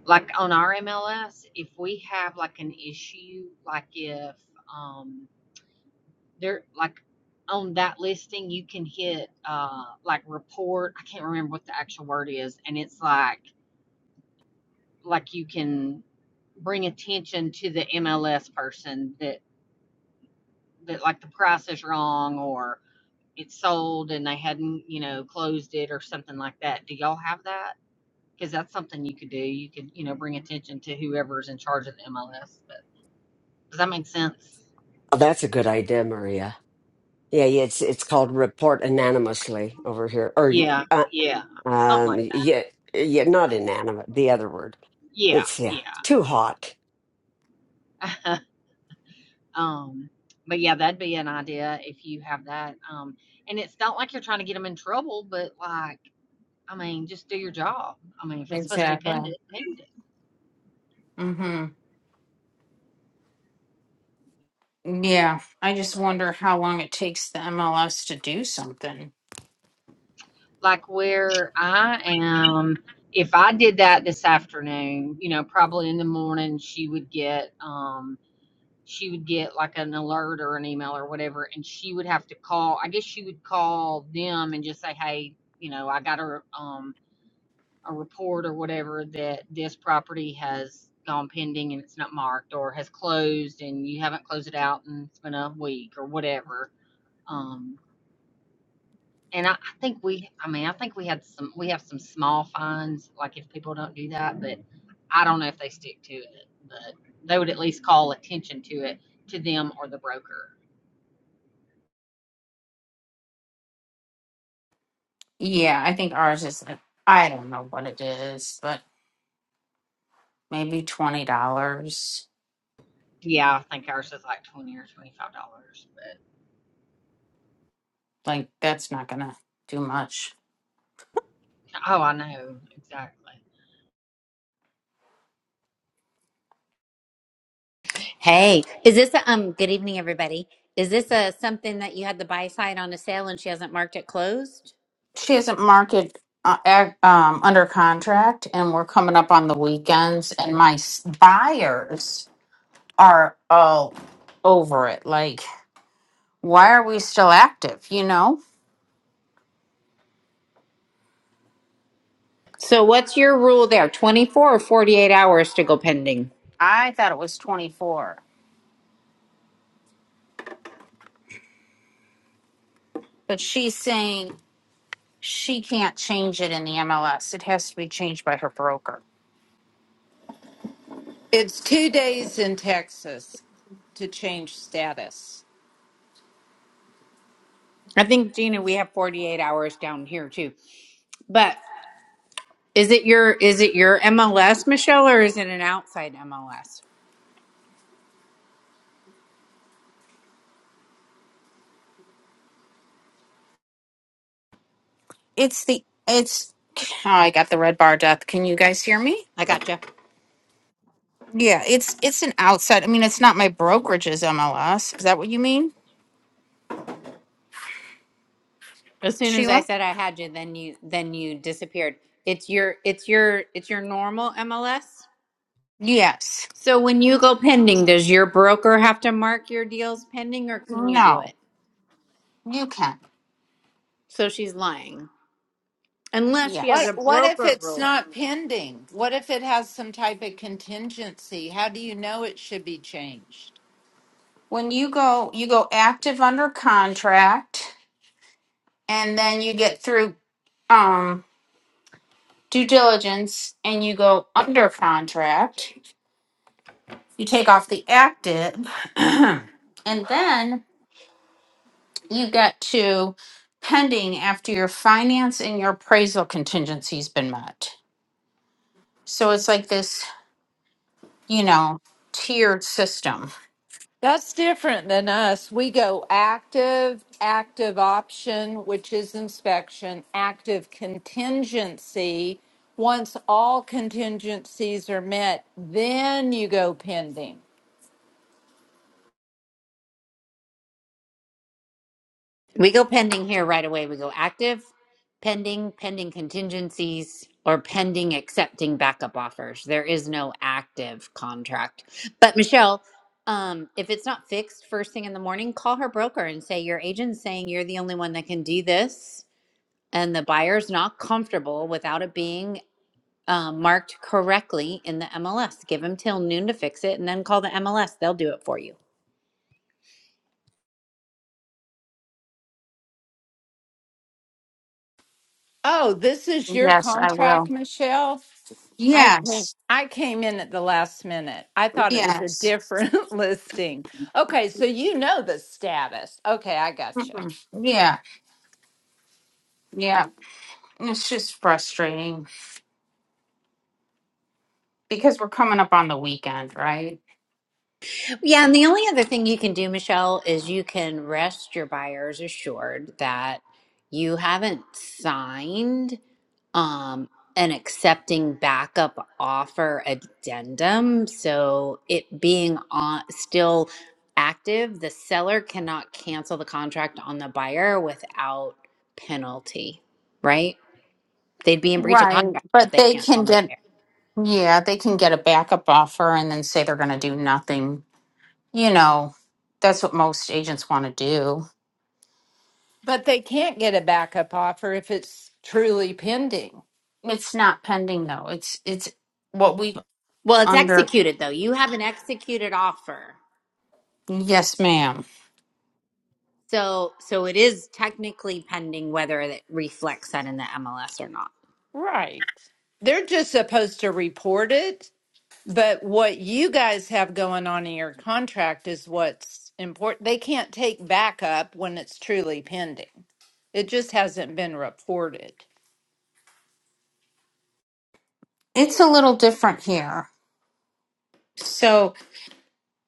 [SPEAKER 13] like on our MLS, if we have like an issue, like if um there like on that listing you can hit uh like report i can't remember what the actual word is and it's like like you can bring attention to the MLS person that that like the price is wrong or it's sold and they hadn't you know closed it or something like that. Do y'all have that? Because that's something you could do. You could you know bring attention to whoever's in charge of the MLS. But does that make sense?
[SPEAKER 5] oh that's a good idea maria yeah yeah, it's it's called report anonymously over here or
[SPEAKER 13] Yeah,
[SPEAKER 5] uh,
[SPEAKER 13] yeah, something
[SPEAKER 5] um
[SPEAKER 13] like that.
[SPEAKER 5] yeah yeah not inanimate the other word
[SPEAKER 13] Yeah,
[SPEAKER 5] it's yeah
[SPEAKER 13] yeah.
[SPEAKER 5] too hot
[SPEAKER 13] um, but yeah, that'd be an idea if you have that. Um, and it's not like you're trying to get them in trouble, but like I mean, just do your job. I mean, if it's supposed to be
[SPEAKER 1] exactly.
[SPEAKER 13] pinned, it pinned it.
[SPEAKER 1] Mm-hmm. Yeah. I just wonder how long it takes the MLS to do something.
[SPEAKER 13] Like where I am, if I did that this afternoon, you know, probably in the morning, she would get, um, she would get like an alert or an email or whatever, and she would have to call. I guess she would call them and just say, hey, you know, I got a, um, a report or whatever that this property has gone pending and it's not marked or has closed and you haven't closed it out and it's been a week or whatever. Um, And I, I think we, I mean, I think we had some, we have some small fines, like if people don't do that, but I don't know if they stick to it. But they would at least call attention to it, to them or the broker.
[SPEAKER 1] Yeah. I think ours is, I don't know what it is, but. maybe twenty dollars.
[SPEAKER 13] Yeah, I think ours is like twenty or twenty-five dollars, but,
[SPEAKER 1] Like that's not gonna do much.
[SPEAKER 13] oh, I know, exactly.
[SPEAKER 14] Hey, is this a um good evening everybody? Is this a something that you had the buy side on a sale and she hasn't marked it closed?
[SPEAKER 1] She is not market uh, ag- um, under contract, and we're coming up on the weekends, and my s- buyers are all over it. Like, why are we still active? You know,
[SPEAKER 14] So what's your rule there? 24 or 48 hours to go pending?
[SPEAKER 1] I thought it was twenty four, but she's saying she can't change it in the MLS. It has to be changed by her broker.
[SPEAKER 15] It's two days in Texas to change status.
[SPEAKER 14] I think Gina, we have 48 hours down here too. But is it your is it your MLS, Michelle, or is it an outside MLS?
[SPEAKER 1] It's the it's. Oh, I got the red bar death. Can you guys hear me?
[SPEAKER 14] I gotcha.
[SPEAKER 1] Yeah, it's it's an outside. I mean, it's not my brokerage's MLS. Is that what you mean,
[SPEAKER 14] As soon as I
[SPEAKER 1] Sheila?
[SPEAKER 14] said I had you, then you then you disappeared. It's your it's your it's your normal MLS?
[SPEAKER 1] Yes.
[SPEAKER 14] So when you go pending, does your broker have to mark your deals pending or can you do
[SPEAKER 1] No,
[SPEAKER 14] it?
[SPEAKER 1] you can.
[SPEAKER 14] So she's lying. Unless she has
[SPEAKER 15] What
[SPEAKER 14] a
[SPEAKER 1] Yes.
[SPEAKER 15] what if
[SPEAKER 14] broker
[SPEAKER 15] it's
[SPEAKER 14] rule.
[SPEAKER 15] not pending? What if it has some type of contingency? How do you know it should be changed?
[SPEAKER 1] When you go, you go active under contract, and then you get through um due diligence, and you go under contract. You take off the active, and then you get to pending after your finance and your appraisal contingency's been met. So it's like this you know, tiered system.
[SPEAKER 15] That's different than us. We go active, active option, which is inspection, active contingency. Once all contingencies are met, then you go pending.
[SPEAKER 14] We go pending here right away. We go active, pending, pending contingencies, or pending accepting backup offers. There is no active contract. But Michelle, um, if it's not fixed first thing in the morning, call her broker and say, Your agent's saying you're the only one that can do this. And the buyer's not comfortable without it being uh, marked correctly in the MLS. Give them till noon to fix it and then call the MLS. They'll do it for you.
[SPEAKER 15] Oh, this is your
[SPEAKER 1] Yes, I
[SPEAKER 15] contract,
[SPEAKER 1] will.
[SPEAKER 15] Michelle? I came-
[SPEAKER 1] Yes,
[SPEAKER 15] I came in at the last minute. I thought it was a
[SPEAKER 1] yes.
[SPEAKER 15] different listing. Okay, so you know the status. Okay, I gotcha.
[SPEAKER 1] Mm-mm. Yeah, yeah. It's just frustrating because we're coming up on the weekend, right?
[SPEAKER 14] Yeah, and the only other thing you can do, Michelle, is you can rest your buyers assured that you haven't signed um, an accepting backup offer addendum. So it being on, still active, the seller cannot cancel the contract on the buyer without penalty, right? They'd be in breach of
[SPEAKER 1] Right.
[SPEAKER 14] contract if
[SPEAKER 1] But
[SPEAKER 14] they
[SPEAKER 1] they
[SPEAKER 14] cancel
[SPEAKER 1] can
[SPEAKER 14] on the
[SPEAKER 1] get,
[SPEAKER 14] buyer.
[SPEAKER 1] yeah, they can get a backup offer and then say they're going to do nothing. You know, that's what most agents want to do.
[SPEAKER 15] But they can't get a backup offer if it's truly pending.
[SPEAKER 1] It's not pending though. It's it's what we have
[SPEAKER 14] Well, it's
[SPEAKER 1] under.
[SPEAKER 14] executed though. You have an executed offer.
[SPEAKER 1] Yes, ma'am.
[SPEAKER 14] So so it is technically pending whether it reflects that in the MLS or not.
[SPEAKER 15] Right. They're just supposed to report it, but what you guys have going on in your contract is what's important. They can't take backup when it's truly pending. It just hasn't been reported.
[SPEAKER 1] It's a little different here. So.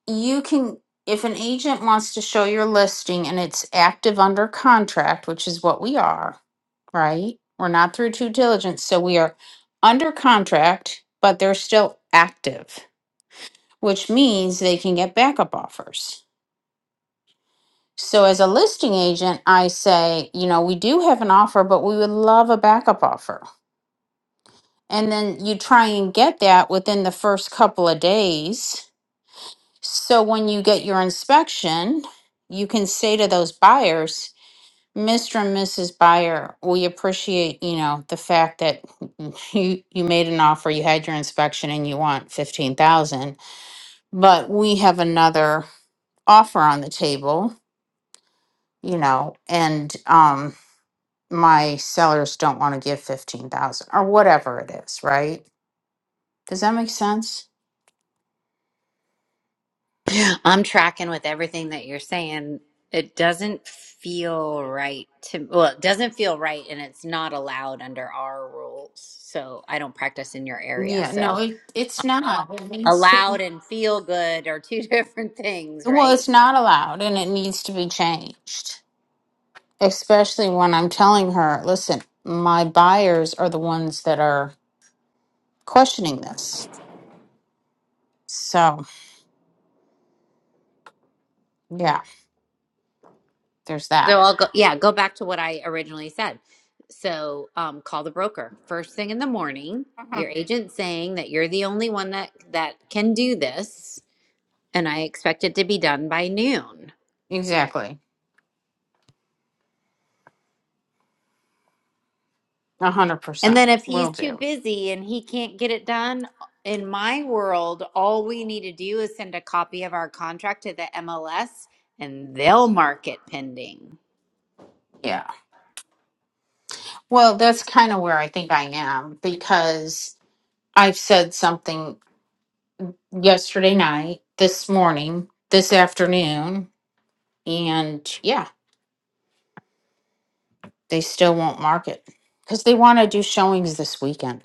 [SPEAKER 1] you can if an agent wants to show your listing and it's active under contract which is what we are right we're not through due diligence so we are under contract but they're still active which means they can get backup offers so as a listing agent i say you know we do have an offer but we would love a backup offer and then you try and get that within the first couple of days So when you get your inspection, you can say to those buyers, Mr. and Mrs. Buyer, we appreciate, you know, the fact that you you made an offer, you had your inspection and you want 15,000, but we have another offer on the table, you know, and um my sellers don't want to give 15,000 or whatever it is, right? Does that make sense?
[SPEAKER 14] I'm tracking with everything that you're saying. It doesn't feel right to well, it doesn't feel right and it's not allowed under our rules. So I don't practice in your area.
[SPEAKER 1] Yeah, no,
[SPEAKER 14] So
[SPEAKER 1] it, it's not. It needs to be
[SPEAKER 14] allowed and feel good are two different things,
[SPEAKER 1] Well,
[SPEAKER 14] right?
[SPEAKER 1] it's not allowed and it needs to be changed, especially when I'm telling her, listen, my buyers are the ones that are questioning this. So, yeah, there's that.
[SPEAKER 14] So I'll go, yeah, go back to what I originally said. So um, call the broker first thing in the morning. Your agent saying that you're the only one that that can do this, and I expect it to be done by noon.
[SPEAKER 1] Exactly. A
[SPEAKER 14] And
[SPEAKER 1] 100%.
[SPEAKER 14] then if
[SPEAKER 1] Will
[SPEAKER 14] he's too
[SPEAKER 1] do.
[SPEAKER 14] busy and he can't get it done, in my world, all we need to do is send a copy of our contract to the MLS, and they'll mark it pending.
[SPEAKER 1] Yeah. Well, that's kind of where I think I am because I've said something yesterday night, this morning, this afternoon, and yeah, they still won't market because they want to do showings this weekend.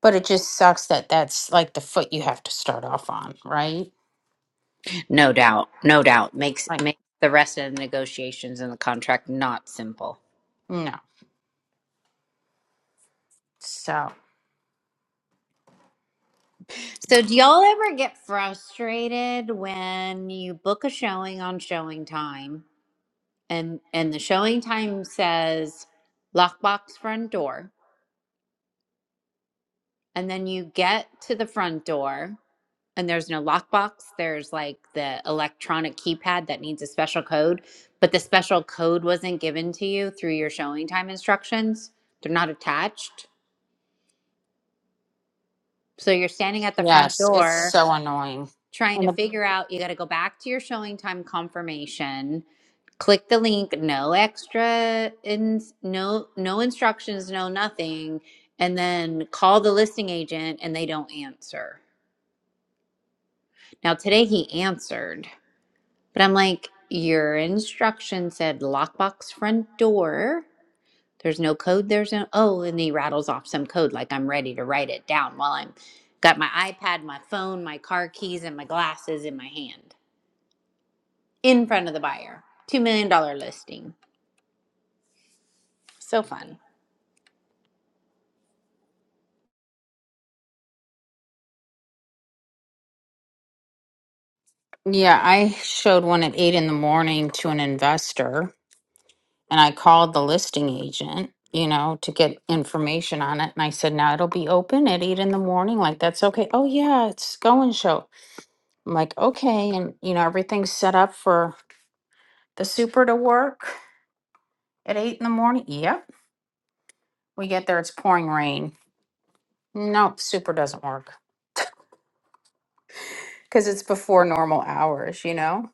[SPEAKER 1] But it just sucks that that's like the foot you have to start off on, right?
[SPEAKER 14] No doubt, no doubt makes
[SPEAKER 1] Like,
[SPEAKER 14] makes the rest of the negotiations and the contract not simple.
[SPEAKER 1] no. So,
[SPEAKER 14] So, do y'all ever get frustrated when you book a showing on showing time and and the showing time says lockbox front door and then you get to the front door and there's no lockbox, there's like the electronic keypad that needs a special code, but the special code wasn't given to you through your showing time instructions. They're not attached. So you're standing at the front
[SPEAKER 1] yes, it's
[SPEAKER 14] door
[SPEAKER 1] so annoying.
[SPEAKER 14] trying
[SPEAKER 1] And
[SPEAKER 14] to
[SPEAKER 1] the,
[SPEAKER 14] figure out you got to go back to your showing time confirmation click the link no extra ins, no no instructions no nothing and then call the listing agent and they don't answer now today he answered but i'm like your instruction said lockbox front door there's no code there's no oh and he rattles off some code like i'm ready to write it down while i'm got my ipad my phone my car keys and my glasses in my hand in front of the buyer. $2 million dollars listing. So fun.
[SPEAKER 1] yeah, I showed one at eight in the morning to an investor and I called the listing agent, you know, to get information on it. And I said, now it'll be open at eight in the morning. Like, that's okay. Oh, yeah, it's going show. I'm like, okay. And, you know, everything's set up for the super to work at eight in the morning. Yep. We get there, it's pouring rain. Nope, super doesn't work because it's before normal hours, you know?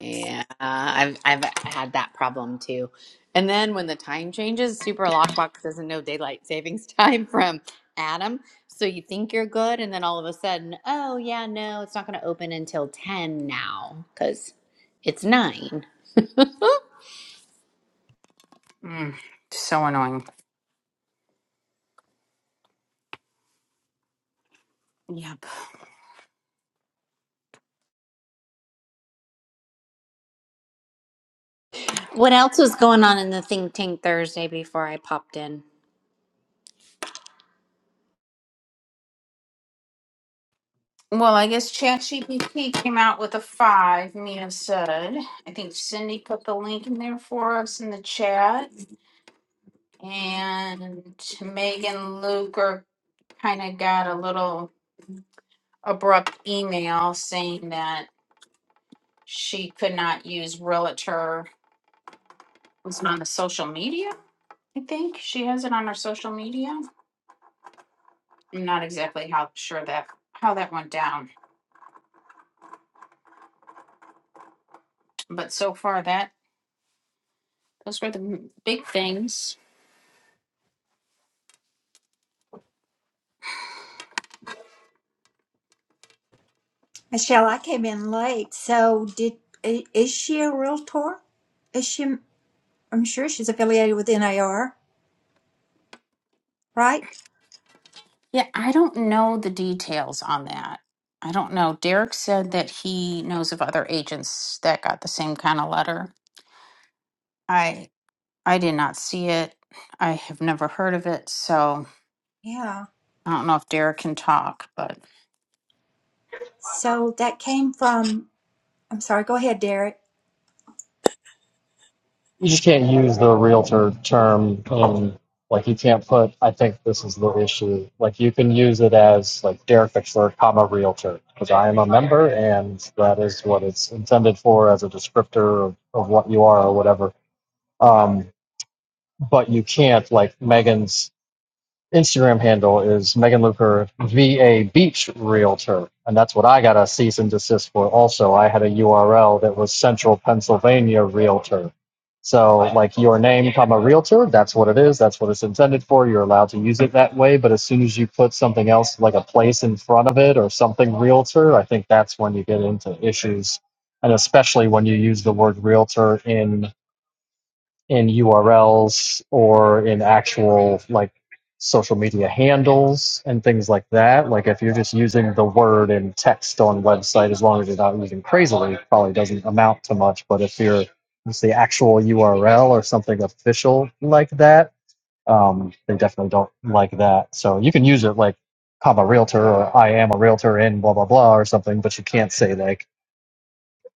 [SPEAKER 14] Yeah, I've I've had that problem too. And then when the time changes, Super Lockbox doesn't know daylight savings time from Adam. So you think you're good, and then all of a sudden, oh yeah, no, it's not going to open until ten now because it's nine.
[SPEAKER 1] Mm, so annoying. Yep.
[SPEAKER 14] What else was going on in the think tank Thursday before I popped in?
[SPEAKER 1] Well, I guess ChatGPT came out with a five, Mia said. I think Cindy put the link in there for us in the chat. And Megan Luker kind of got a little abrupt email saying that she could not use Realtor. It was on the social media, I think. She has it on her social media. I'm not exactly how sure that how that went down, but so far that those were the m- big things.
[SPEAKER 12] Michelle, I came in late, so did i- is she a realtor? Is she? I'm sure she's affiliated with NAR. Right?
[SPEAKER 1] Yeah, I don't know the details on that. I don't know. Derek said that he knows of other agents that got the same kind of letter. I I did not see it. I have never heard of it, so
[SPEAKER 12] Yeah.
[SPEAKER 1] I don't know if Derek can talk, but
[SPEAKER 12] So that came from, I'm sorry, go ahead, Derek.
[SPEAKER 6] you just can't use the realtor term in like you can't put i think this is the issue like you can use it as like derek fixler comma realtor because i am a member and that is what it's intended for as a descriptor of, of what you are or whatever um, but you can't like megan's Instagram handle is Megan Luker VA Beach Realtor, and that's what I got a cease and desist for. Also, I had a URL that was Central Pennsylvania Realtor. So, like your name, comma Realtor, that's what it is. That's what it's intended for. You're allowed to use it that way. But as soon as you put something else, like a place in front of it or something Realtor, I think that's when you get into issues, and especially when you use the word Realtor in in URLs or in actual like social media handles and things like that. Like if you're just using the word in text on website, as long as you're not using crazily, it probably doesn't amount to much. But if you're it's the actual URL or something official like that, um, they definitely don't like that. So you can use it like I'm a realtor or I am a realtor in blah blah blah or something, but you can't say like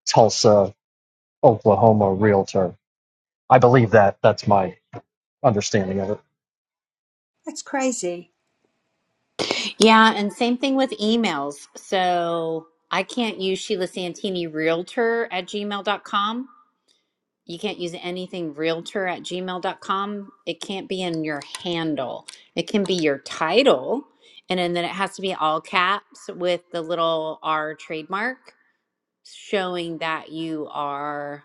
[SPEAKER 6] Tulsa, Oklahoma realtor. I believe that. That's my understanding of it.
[SPEAKER 12] That's crazy.
[SPEAKER 14] Yeah, and same thing with emails. So I can't use Sheila Santini Realtor at gmail.com. You can't use anything realtor at gmail.com. It can't be in your handle. It can be your title. And then then it has to be all caps with the little R trademark showing that you are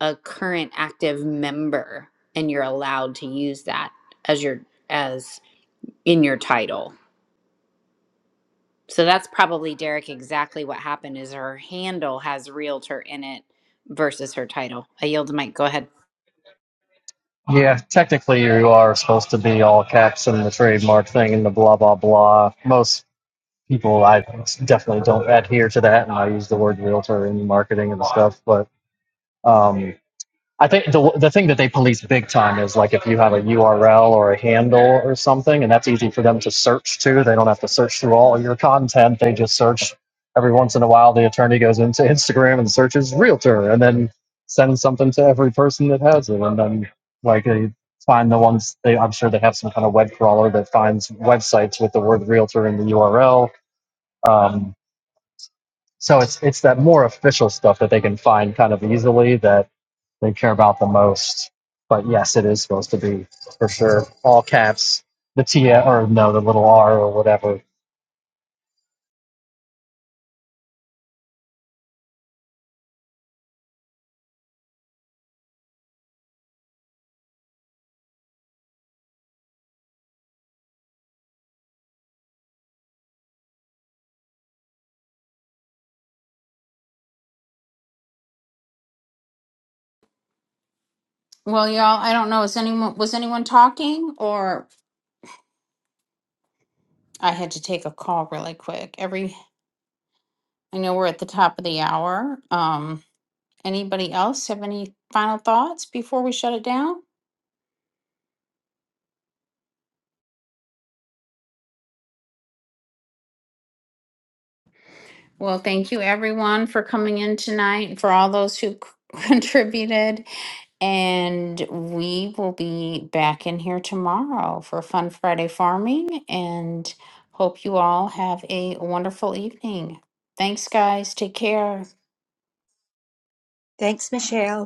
[SPEAKER 14] a current active member and you're allowed to use that as your as in your title. So that's probably Derek exactly what happened is her handle has realtor in it versus her title. I yield the mic. Go ahead.
[SPEAKER 6] Yeah, technically you are supposed to be all caps and the trademark thing and the blah blah blah. Most people I definitely don't adhere to that, and I use the word realtor in marketing and stuff. But um, I think the the thing that they police big time is like if you have a URL or a handle or something, and that's easy for them to search too. They don't have to search through all of your content. They just search every once in a while. The attorney goes into Instagram and searches realtor, and then sends something to every person that has it, and then like they find the ones. They I'm sure they have some kind of web crawler that finds websites with the word realtor in the URL. Um, so it's it's that more official stuff that they can find kind of easily that they care about the most. But yes, it is supposed to be for sure all caps. The T L or no, the little R or whatever
[SPEAKER 1] well, y'all, I don't know. Is anyone was anyone talking or I had to take a call really quick. Every I know we're at the top of the hour. Um Anybody else have any final thoughts before we shut it down? Well, thank you everyone for coming in tonight, and for all those who c- contributed. And we will be back in here tomorrow for Fun Friday Farming and hope you all have a wonderful evening. Thanks, guys. Take care.
[SPEAKER 12] Thanks, Michelle.